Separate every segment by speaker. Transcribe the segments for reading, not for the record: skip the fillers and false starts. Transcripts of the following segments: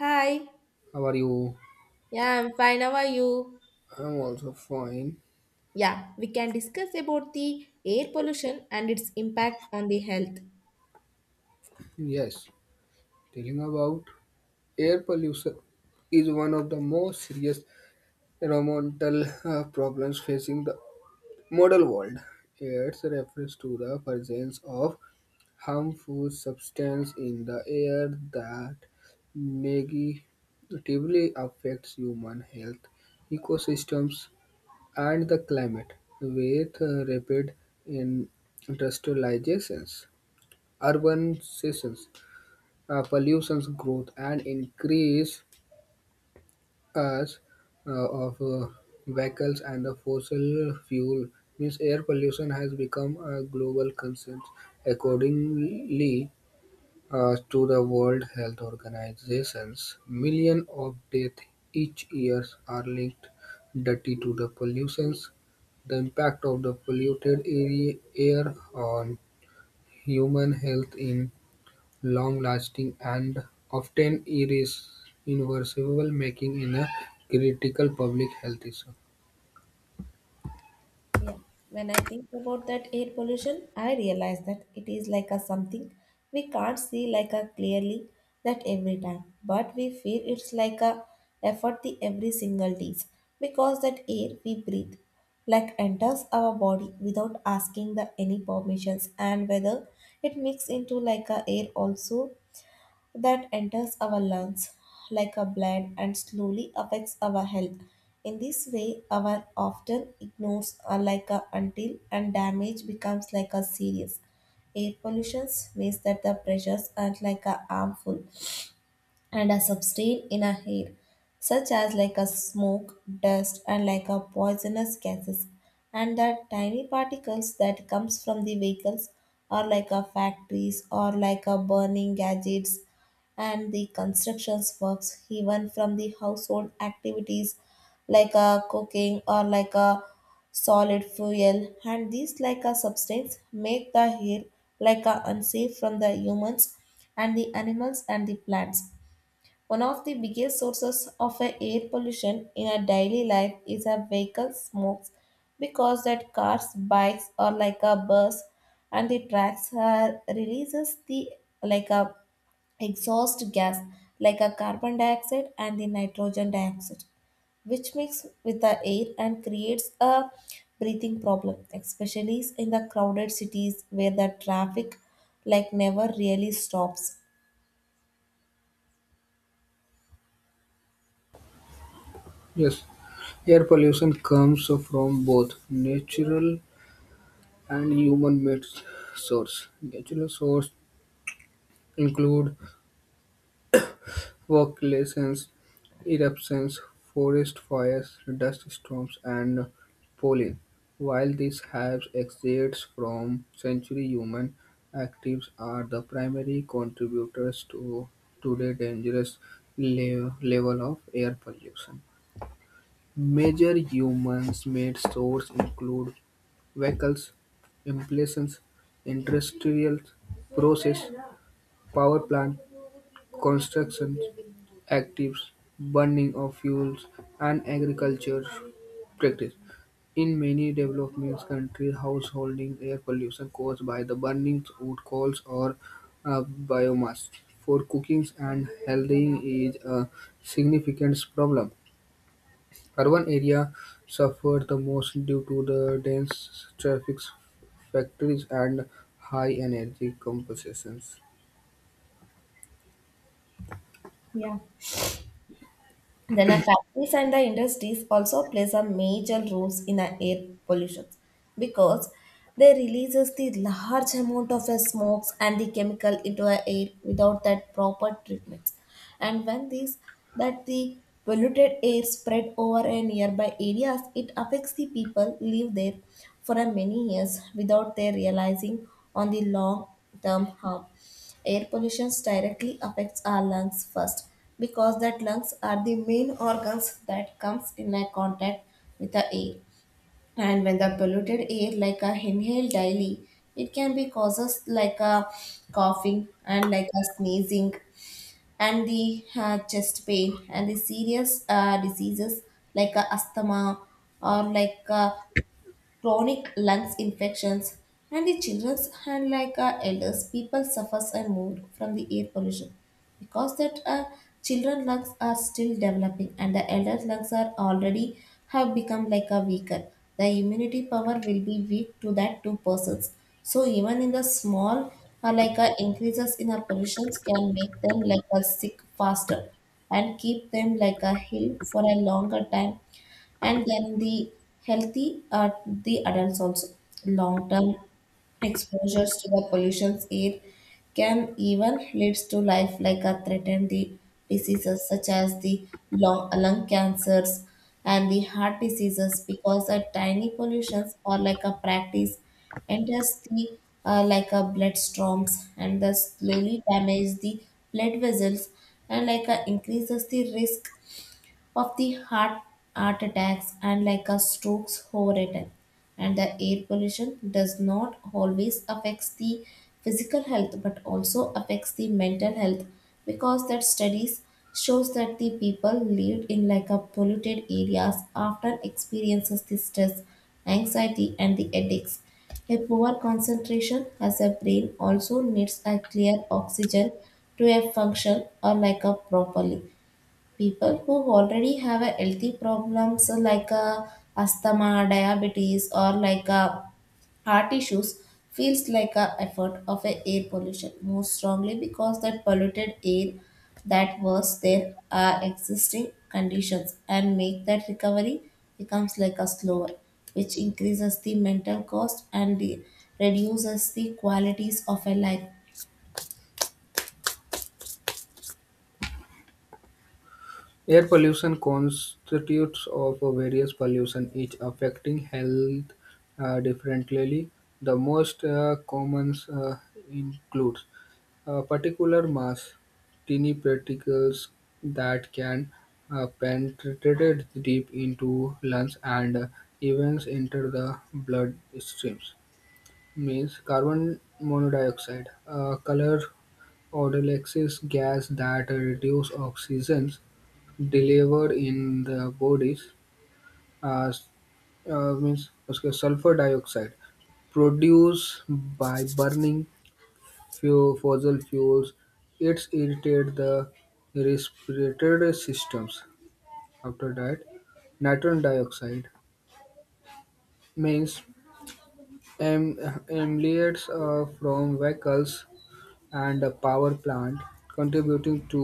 Speaker 1: Hi.
Speaker 2: How are you?
Speaker 1: Yeah, I'm fine. How are you?
Speaker 2: I'm also fine.
Speaker 1: Yeah, we can discuss about the air pollution and its impact on the health.
Speaker 2: Yes, telling about air pollution is one of the most serious environmental problems facing the modern world. It refers to the presence of harmful substance in the air that negatively affects human health, ecosystems, and the climate with rapid industrializations, urbanizations, pollution's growth and increase as of vehicles and the fossil fuel means air pollution has become a global concern accordingly to the world health organizations millions of deaths each year are linked directly to the pollutions the impact of the polluted area air on human health in long-lasting and often irreversible, making it a critical public health issue.
Speaker 1: Yeah, when I think about that air pollution, I realize that it is like a something we can't see like a clearly that every time, but we feel it's like a effort the every single day because that air we breathe like enters our body without asking the any permissions and whether it mix into like a air also that enters our lungs like a blood and slowly affects our health. In this way, our often ignores are like a until and damage becomes like a serious. Air pollution means that the pressures are like a harmful and a substance in our air, such as like a smoke, dust, and like a poisonous gases. And the tiny particles that comes from the vehicles or like a factories or like a burning gadgets and the constructions works even from the household activities like a cooking or like a solid fuel, and these like a substance make the air like a unsafe from the humans and the animals and the plants. One of the biggest sources of a air pollution in our daily life is our vehicle smokes, because that cars, bikes or like a bus and the tracks are releases the like a exhaust gas like a carbon dioxide and the nitrogen dioxide, which mix with the air and creates a breathing problem, especially in the crowded cities where the traffic like never really stops.
Speaker 2: Yes, air pollution comes from both natural and human-made sources. Natural sources include Volcanic eruptions, forest fires, dust storms, and pollen, while these have exits from century human activities, are the primary contributors to today' dangerous level of air pollution. Major human-made sources include vehicles, implements, industrial process, power plant construction. Actives, burning of fuels, and agriculture practice. In many developing countries, householding air pollution caused by the burning wood coals or biomass for cooking and heating is a significant problem. Urban area suffered the most due to the dense traffic, factories, and high energy compensations.
Speaker 1: Yeah. Then our factories and the industries also plays a major roles in our air pollution because they releases the large amount of the smokes and the chemical into our air without that proper treatments. And when these that the polluted air spread over a nearby areas, it affects the people live there for a many years without their realizing on the long term harm. Air pollution directly affects our lungs first because that lungs are the main organs that comes in a contact with the air. And when the polluted air like a inhale daily, it can be causes like a coughing and like a sneezing and the chest pain and the serious diseases like a asthma or like a chronic lungs infections, and the children's and like our elders, people suffers and more from the air pollution because that children lungs are still developing and the elder lungs are already have become like a weaker. The immunity power will be weak to that two persons. So even in the small increases in our pollutions can make them like a sick faster and keep them like a hill for a longer time, and then the healthy the adults also long term exposures to the pollution's air can even leads to life like a threatened the diseases such as the lung cancers and the heart diseases because the tiny pollutions or like a practice enters the like a blood storms and thus slowly damage the blood vessels and like a increases the risk of the heart attacks and like a strokes overeaten. And the air pollution does not always affects the physical health but also affects the mental health because that studies shows that the people lived in like a polluted areas often experiences the stress, anxiety and the headaches. A poor concentration as a brain also needs a clear oxygen to a function or like a properly. People who already have a healthy problems like asthma diabetes or like heart issues feels like a effort of a air pollution more strongly because that polluted air that was their existing conditions and make that recovery becomes like a slower, which increases the mental cost and the, reduces the qualities of a life.
Speaker 2: Air pollution constitutes of various pollution, each affecting health differently. The most common includes particular mass, tiny particles that can penetrate deep into lungs and even enter the blood streams. Means carbon monoxide, color Oxalates gas that reduce oxygen delivered in the bodies as means उसके sulfur dioxide produced by burning few fossil fuels. It's irritate the respiratory systems. After that, nitrogen dioxide means em- emanates from vehicles and a power plant, contributing to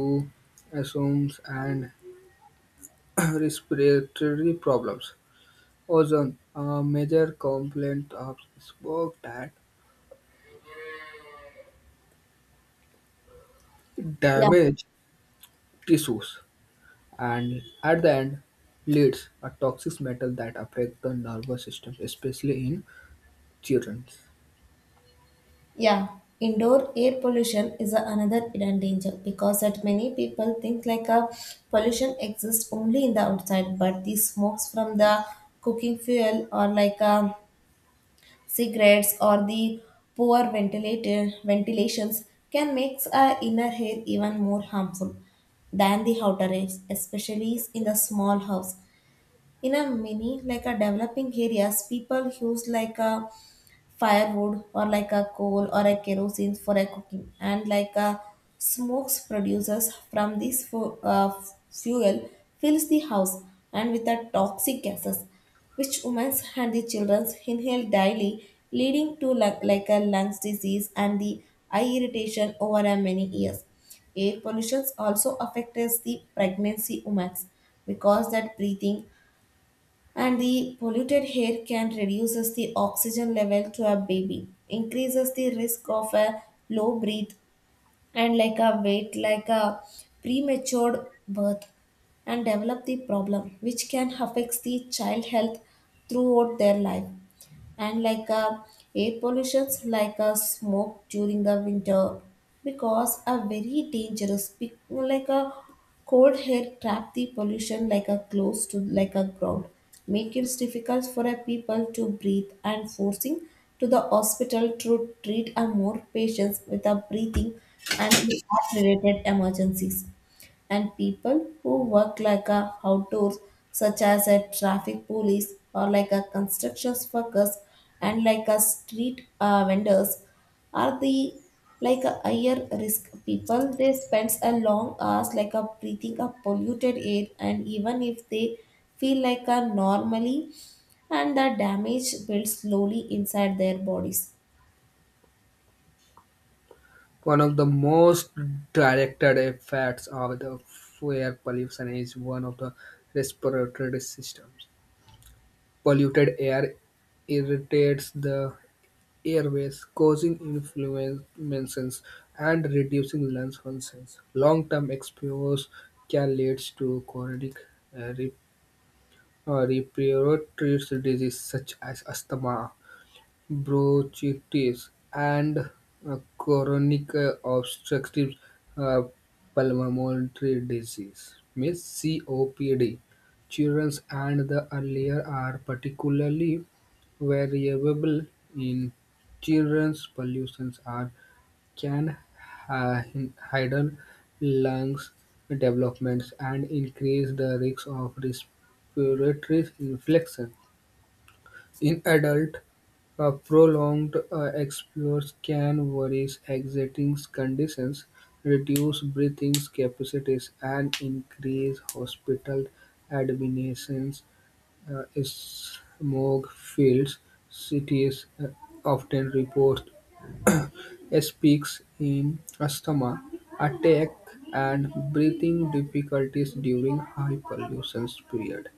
Speaker 2: assumes and respiratory problems. Ozone, a major complaint of smoke that
Speaker 1: Yeah.
Speaker 2: damage tissues and at the end leads a toxic metal that affect the nervous system, especially in children.
Speaker 1: Yeah, indoor air pollution is another hidden danger because that many people think like a pollution exists only in the outside, but the smokes from the cooking fuel or like cigarettes or the poor ventilator ventilations can make our inner air even more harmful than the outer air, especially in the small house. In a many like a developing areas, people use like a firewood or like a coal or a kerosene for a cooking, and like a smokes producers from this fuel fills the house and with the toxic gases, which women and the children inhale daily, leading to like a lungs disease and the eye irritation over a many years. Air pollution also affects the pregnancy women because that breathing and the polluted air can reduces the oxygen level to a baby, increases the risk of a low breath and like a weight like a premature birth and develop the problem which can affect the child health throughout their life. And like air pollutions like smoke during the winter because a very dangerous like a cold air trap the pollution like a close to like a ground, make it difficult for a people to breathe and forcing to the hospital to treat a more patients with a breathing and heart related emergencies. And people who work like a outdoors such as a traffic police or like a construction workers and like a street vendors are the like a higher risk people. They spends a long hours like a breathing a polluted air, and even if they feel like a normally, and the damage builds slowly inside their bodies.
Speaker 2: One of the most directed effects of the air pollution is one of the respiratory systems. Polluted air irritates the airways, causing inflammations and reducing lung functions. Long-term exposure can lead to chronic uh, re- respiratory diseases such as asthma bronchitis, and chronic obstructive uh, pulmonary disease means COPD. Children and the earlier are particularly variable in children's pollutions are can heighten lungs developments and increase the risk of respiratory infection in adults, prolonged exposure can worsen existing conditions, reduce breathing capacities, and increase hospital admissions. Smog-filled cities often report spikes in asthma, attack, and breathing difficulties during high pollution period.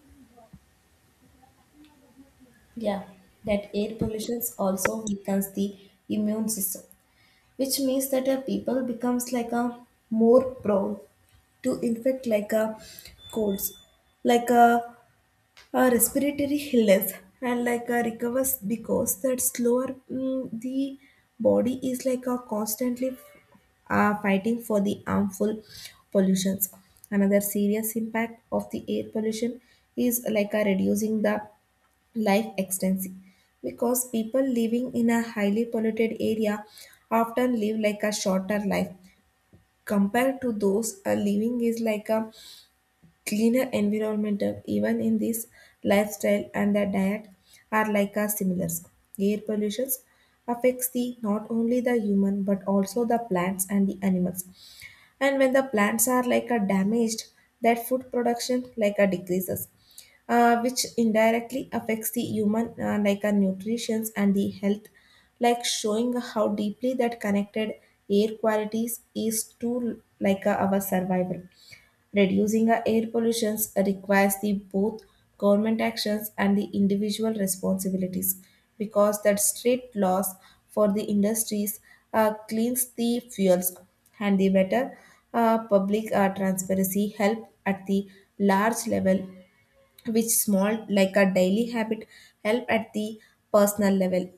Speaker 1: Yeah, that air pollution also weakens the immune system, which means that a people becomes like a more prone to infect like a colds, like a respiratory illness, and like a recovers because that slower mm, the body is like a constantly fighting for the harmful pollutions. Another serious impact of the air pollution is like a reducing the life extensive because people living in a highly polluted area often live like a shorter life compared to those living is like a cleaner environmental, even in this lifestyle and the diet are like a similar. Air pollution affects the not only the human but also the plants and the animals, and when the plants are like a damaged that food production like a decreases, which indirectly affects the human like a nutrition and the health, like showing how deeply that connected air qualities is to like a, our survival. Reducing our air pollution requires the both government actions and the individual responsibilities, because that strict laws for the industries, cleans the fuels, and the better public transparency help at the large level, which small like a daily habit help at the personal level.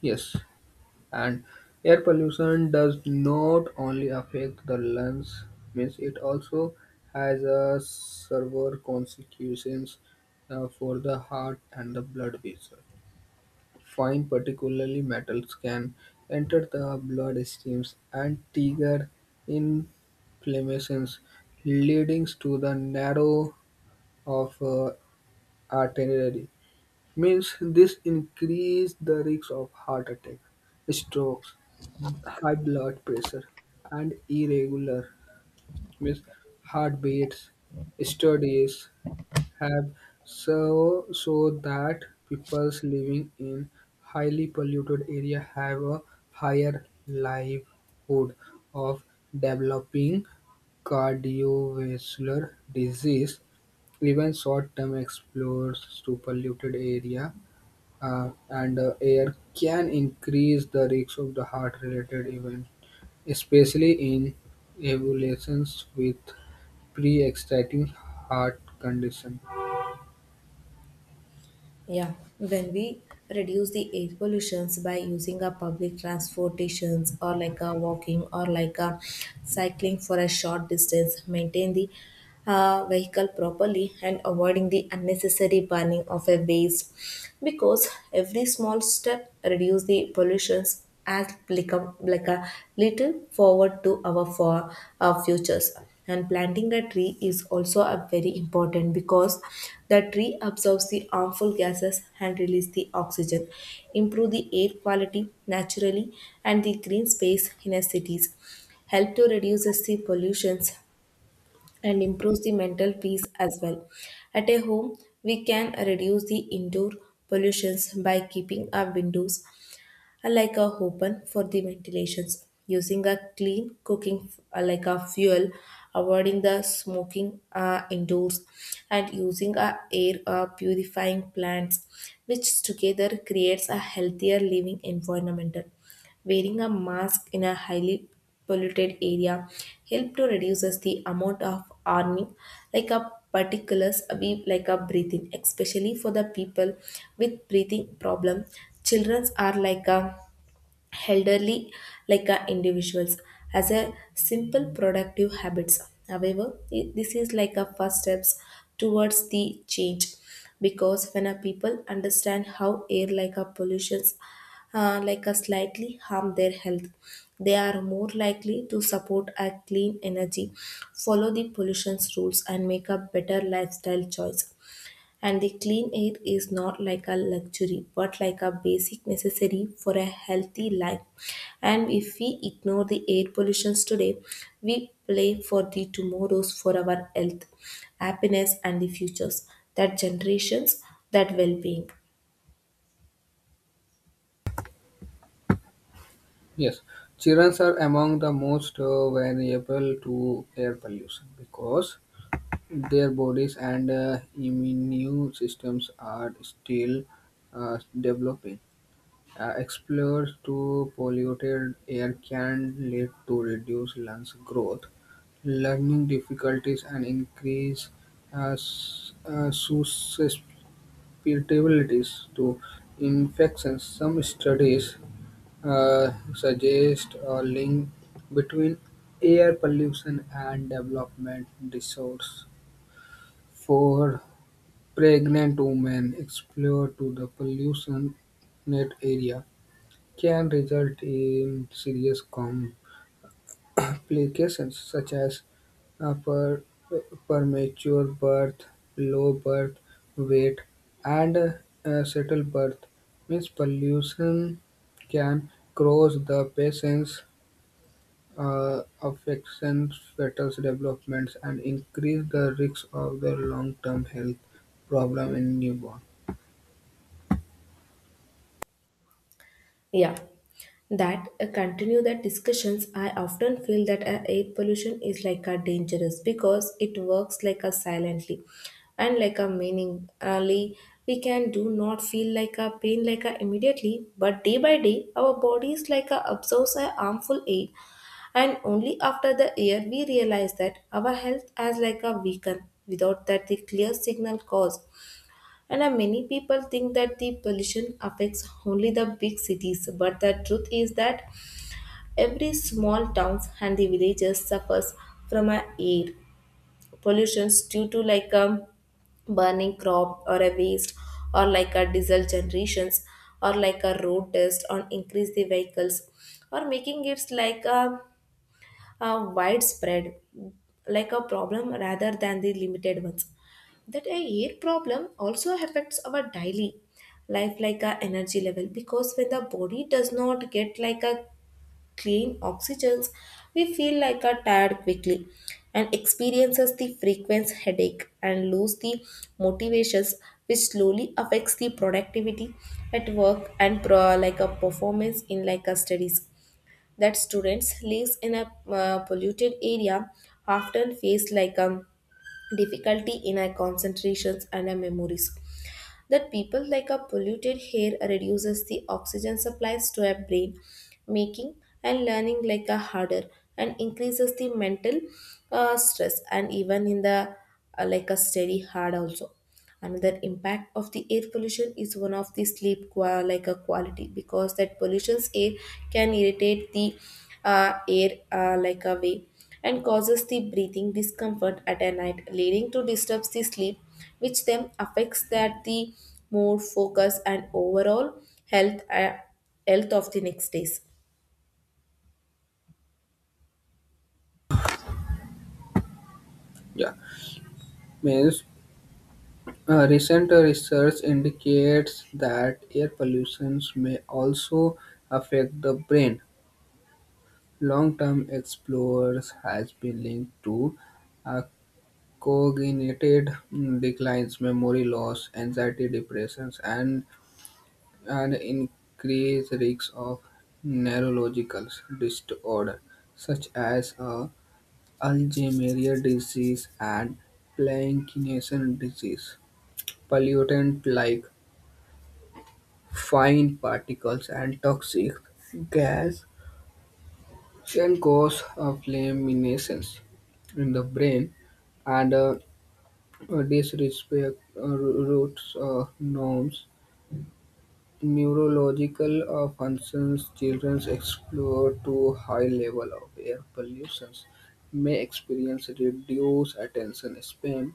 Speaker 2: Yes. And air pollution does not only affect the lungs, means it also has a severe consequences for the heart and the blood vessel. Fine particularly metals can enter the blood streams and trigger inflammations, leading to the narrow of artery means this increase the risk of heart attack, strokes, high blood pressure, and irregular means heartbeats. Studies have so that people living in highly polluted area have a higher likelihood of developing cardiovascular disease. Even short-term exposure to polluted area and air can increase the risk of the heart-related event, especially in adolescents with pre-existing heart condition.
Speaker 1: Yeah, when we reduce the air pollutions by using a public transportations or like a walking or like a cycling for a short distance, maintain the vehicle properly and avoiding the unnecessary burning of a waste, because every small step reduce the pollutions as like a little forward to our for our futures. And planting a tree is also a very important because the tree absorbs the harmful gases and release the oxygen, improve the air quality naturally, and the green space in our cities help to reduce the pollutions and improves the mental peace as well. At a home, we can reduce the indoor pollutions by keeping our windows I like a open for the ventilations, using a clean cooking like a fuel, avoiding the smoking indoors, and using a air purifying plants, which together creates a healthier living environment. Wearing a mask in a highly polluted area help to reduces the amount of harming like a particulars we like a breathing, especially for the people with breathing problem, children are like a elderly like individuals, as a simple productive habits. However, this is like a first steps towards the change, because when a people understand how air like a pollutions like a slightly harm their health, they are more likely to support a clean energy, follow the pollution's rules and make a better lifestyle choice. And the clean air is not like a luxury, but like a basic necessary for a healthy life. And if we ignore the air pollutions today, we play for the tomorrows for our health, happiness, and the futures that generations that well being.
Speaker 2: Yes, children are among the most vulnerable to air pollution because their bodies and immune systems are still developing. Exposure to polluted air can lead to reduced lungs growth, learning difficulties, and increase uh, s- uh, susceptibilities to infections. Some studies suggest a link between air pollution and development disorders. For pregnant women, exposure to the pollution net area can result in serious complications such as uh, per, premature birth, low birth weight, and settle birth. Means pollution can cause the patient's affections, fetus developments, and increase the risk of the long-term health problem in newborn.
Speaker 1: Yeah. that continue that discussions I often feel that air pollution is like a dangerous because it works like a silently and like a meaningly. We can do not feel like a pain like a immediately, but day by day our bodies like a absorbs a harmful air, and only after the year we realize that our health has like a weakened without that the clear signal cause. And Many people think that the pollution affects only the big cities, but the truth is that every small towns and the villages suffers from a air pollution due to like a burning crop or a waste or like a diesel generations or like a road dust or increase the vehicles, or making it like a widespread like a problem rather than the limited ones. That a air problem also affects our daily life like a energy level, because when the body does not get like a clean oxygens, we feel like are tired quickly and experiences the frequent headache and lose the motivations, which slowly affects the productivity at work and like a performance in like a studies. That students lives in a polluted area often face like a difficulty in our concentrations and our memories. That people like a polluted air reduces the oxygen supplies to our brain, making and learning like a harder, and increases the mental stress and even in the like a steady hard also. Another impact of the air pollution is one of the sleep like a quality, because that pollution's air can irritate the air like a way and causes the breathing discomfort at a night, leading to disturbs the sleep, which then affects that the mood focus and overall health uh, health of the next days.
Speaker 2: Yeah, means recent research indicates that air pollution may also affect the brain. Long-term explorers has been linked to uh, cognitive declines, memory loss, anxiety, depressions, and an increased risk of neurological disorder such as Alzheimer's disease and Parkinson's disease. Pollutant like Fine particles and toxic gas can cause inflammations in the brain and disrespect roots norms. Neurological functions children explore to high level of air pollution may experience reduced attention span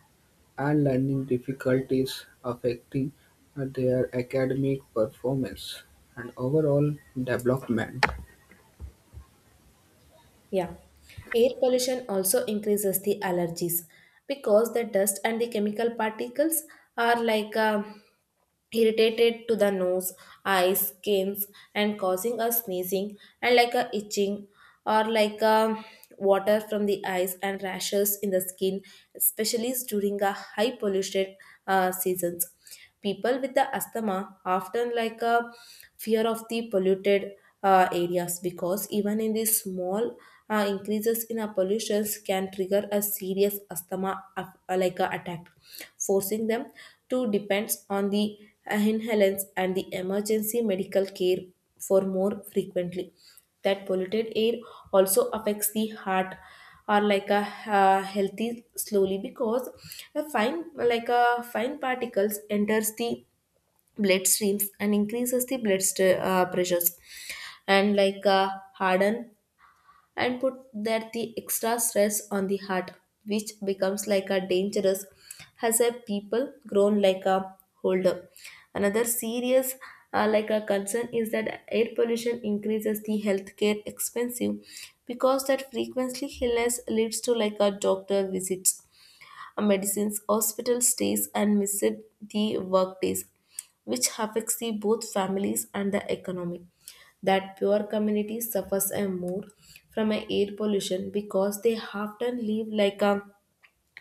Speaker 2: And learning difficulties affecting their academic performance and overall development.
Speaker 1: Yeah. Air pollution also increases the allergies because the dust and the chemical particles are irritated to the nose, eyes, skins, and causing a sneezing and like a itching or like a water from the eyes and rashes in the skin, especially during a high polluted seasons. People with the asthma often like a fear of the polluted areas, because even in these small increases in our pollutions can trigger a serious asthma like a attack, forcing them to depend on the inhalants and the emergency medical care for more frequently. That polluted air also affects the heart or like a healthy slowly, because a fine like a fine particles enters the blood streams and increases the blood pressures and harden and put that the extra stress on the heart, which becomes like a dangerous as a people grown like a holder. Another serious like a concern is that air pollution increases the healthcare expensive, because that frequently illness leads to like a doctor visits, medicines, hospital stays, and missed the work days, which affects the both families and the economy. That poor community suffers a more from a air pollution because they often live like a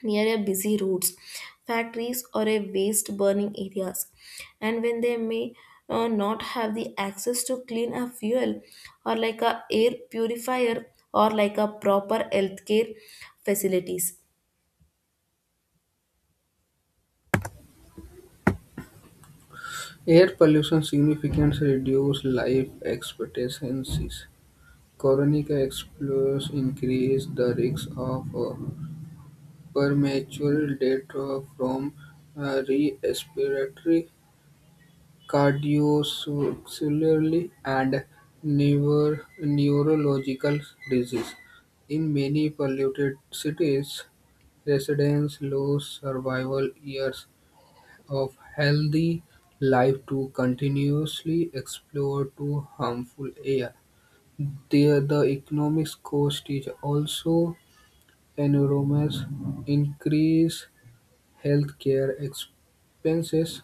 Speaker 1: near a busy roads, factories, or a waste burning areas, and when they may not have the access to clean a fuel or like a air purifier or like a proper healthcare facilities.
Speaker 2: Air pollution significantly reduces life expectancies. Chronic exposures increase the risk of premature death from uh, respiratory cardiovascular and neurological disease In many polluted cities, residents lose survival years of healthy life to continuously explore to harmful air. The economic cost is also enormous. Increase Healthcare expenses,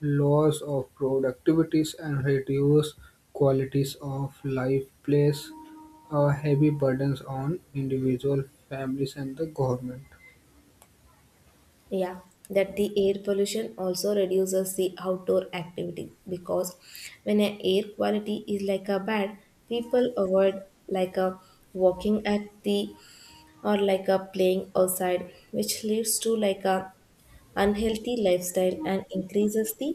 Speaker 2: loss of productivities, and reduced qualities of life place a heavy burdens on individual families and the government.
Speaker 1: Yeah, that the air pollution also reduces the outdoor activity, because when a air quality is like a bad, people avoid like a walking at the or like a playing outside, which leads to like a unhealthy lifestyle and increases the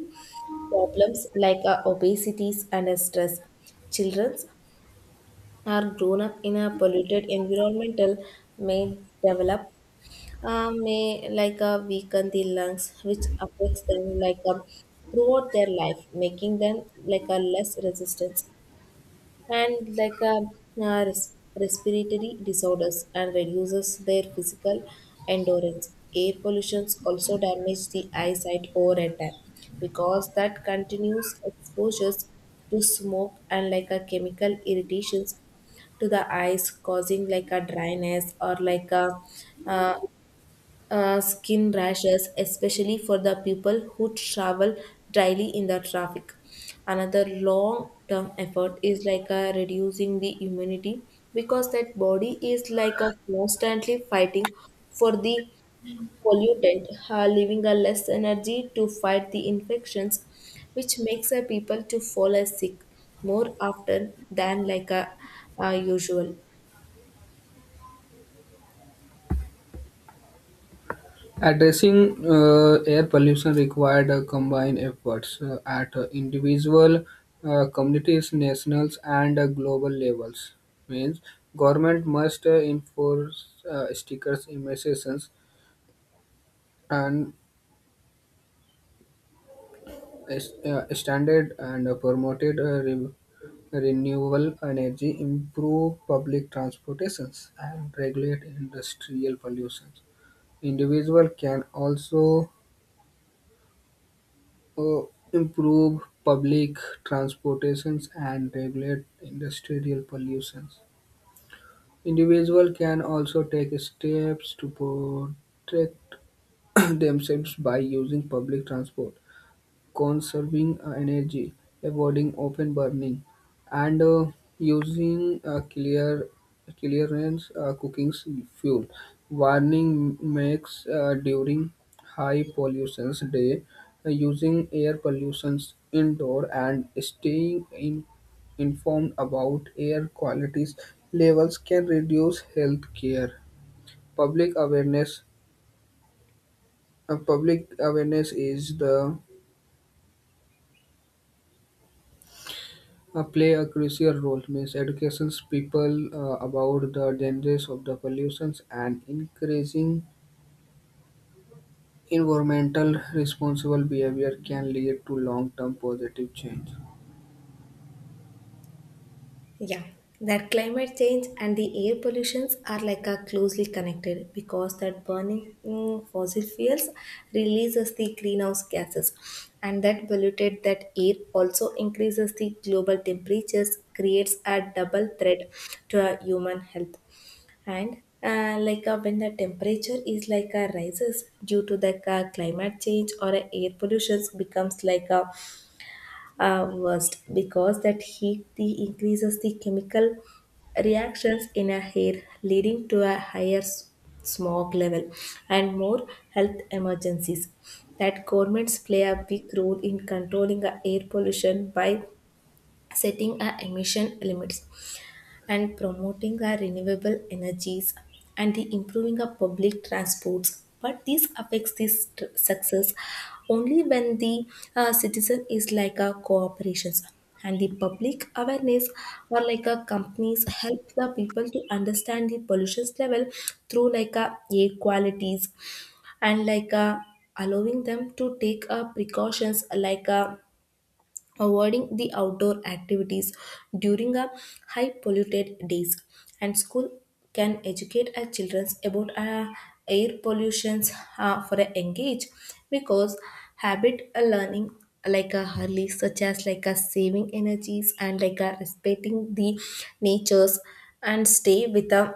Speaker 1: problems like a obesities and a stress. Children are grown up in a polluted environmental may develop may like weaken the lungs, which affects them throughout their life, making them like a less resistance and like a respiratory disorders and reduces their physical endurance. Air pollutions also damage the eyesight over a time, because that continuous exposures to smoke and like a chemical irritations to the eyes causing like a dryness or like a uh, skin rashes, especially for the people who travel daily in the traffic. Another long term effort is reducing the immunity, because that body is like a constantly fighting for the pollutant, leaving a less energy to fight the infections, which makes a people to fall as sick more often than usual.
Speaker 2: Addressing air pollution required combined efforts at individual, communities, nationals, and global levels. Means government must enforce stickers, emissions, and standard and promoted renewable energy, improve public transportations, and regulate industrial pollution. Individual can also uh, improve public transportations and regulate industrial pollutions. Individual can also take steps to protect themselves by using public transport conserving energy, avoiding open burning, and using clearance cooking fuel. Warning makes during high pollution day using air pollution indoor and staying in, informed about air qualities levels can reduce health care. Public awareness Public awareness is the play a crucial role. Means educations people about the dangers of the pollutions and increasing environmental responsible behavior can lead to long-term positive change.
Speaker 1: Yeah, that climate change and the air pollutions are like a closely connected, because that burning fossil fuels releases the greenhouse gases, and that polluted that air also increases the global temperatures creates a double threat to our human health. And when the temperature is rises due to the climate change or air pollution becomes like a worst, because that heat the increases the chemical reactions in a hair leading to a higher smog level and more health emergencies. That governments play a big role in controlling the air pollution by setting a emission limits and promoting our renewable energies and the improving of public transports, but this affects this success only when the citizen is like a cooperations and the public awareness or like a companies help the people to understand the pollutions level through like a air qualities and like a allowing them to take a precautions like a avoiding the outdoor activities during a high polluted days. And school can educate our children about air pollutions for a young age, because habit learning like a early such as like a saving energies and like a respecting the natures and stay with a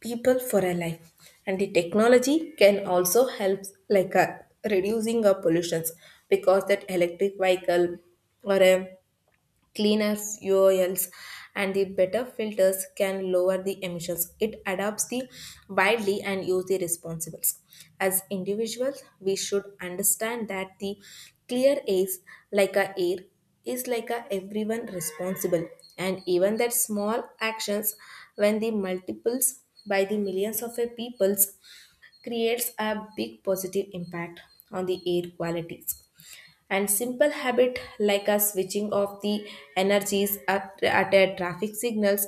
Speaker 1: people for a life. And the technology can also help like uh, reducing pollutions, because that electric vehicle or a cleaner fuels and the better filters can lower the emissions. It adapts the widely and use the responsibles. As individuals, we should understand that the clear is like a air is like a everyone responsible, and even that small actions when the multiples by the millions of a peoples creates a big positive impact on the air qualities. And simple habit like a switching off the energies at a traffic signals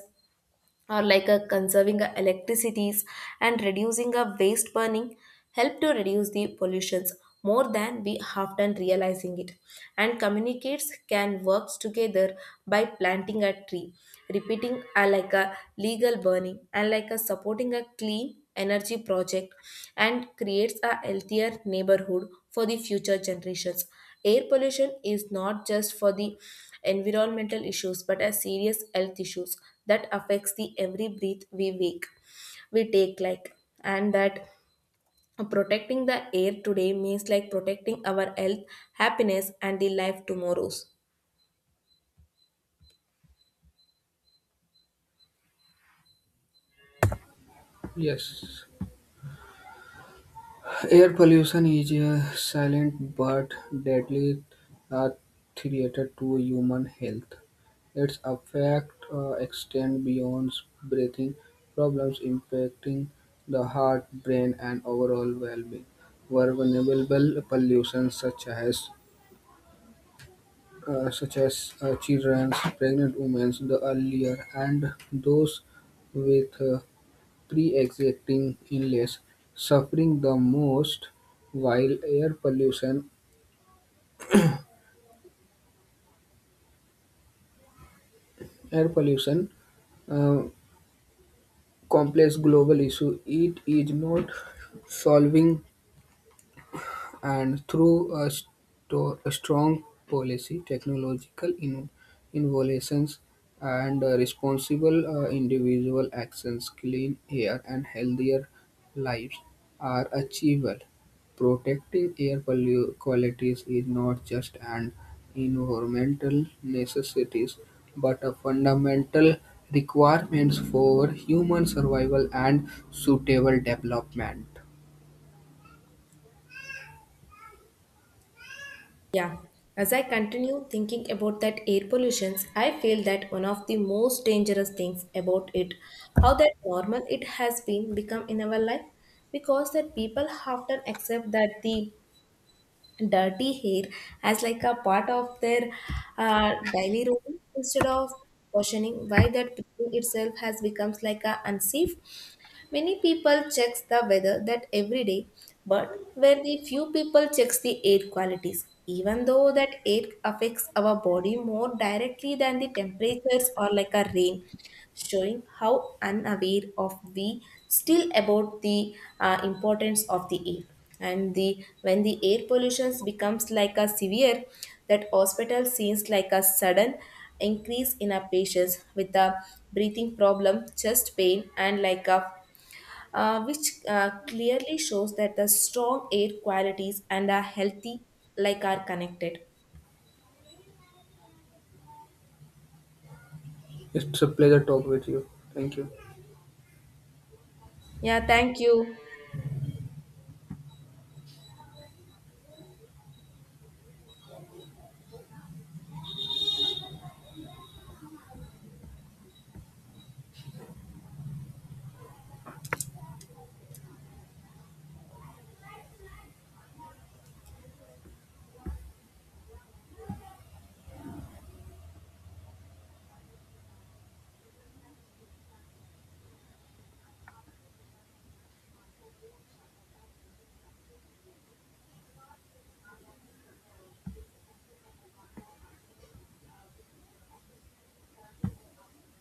Speaker 1: or like a conserving a electricities and reducing a waste burning help to reduce the pollutions more than we often realizing it. And communicates can work together by planting a tree, repeating a, like a legal burning and like a supporting a clean energy project, and creates a healthier neighborhood for the future generations. Air pollution is not just for the environmental issues but as serious health issues that affects the every breath we take like and that protecting the air today means like protecting our health, happiness, and the life tomorrows.
Speaker 2: Yes. Air pollution is a silent but deadly uh, threat to human health. Its effects extend beyond breathing problems, impacting the heart, brain, and overall well-being. Vulnerable pollution such as children, pregnant women, the earlier, and those with pre-existing illness suffering the most while air pollution uh, complex global issue it is not solving and through a strong policy, technological innovations, and responsible individual actions, clean air and healthier lives are achievable. Protecting qualities is not just an environmental necessity but a fundamental requirement for human survival and suitable development.
Speaker 1: Yeah, as I continue thinking about that air pollution, I feel that one of the most dangerous things about it how that normal it has been become in our life, because that people often accept that the dirty hair as like a part of their daily routine instead of questioning why that routine itself has becomes like a unsafe. Many people checks the weather that every day, but very few people checks the air qualities, even though that air affects our body more directly than the temperatures or like a rain, showing how unaware of we still about the importance of the air. And the when the air pollution becomes like a severe, that hospital seems like a sudden increase in our patients with a breathing problem, chest pain, and like a which clearly shows that the strong air qualities and a healthy like are connected.
Speaker 2: It's a pleasure talk with you. Thank you.
Speaker 1: Yeah, thank you.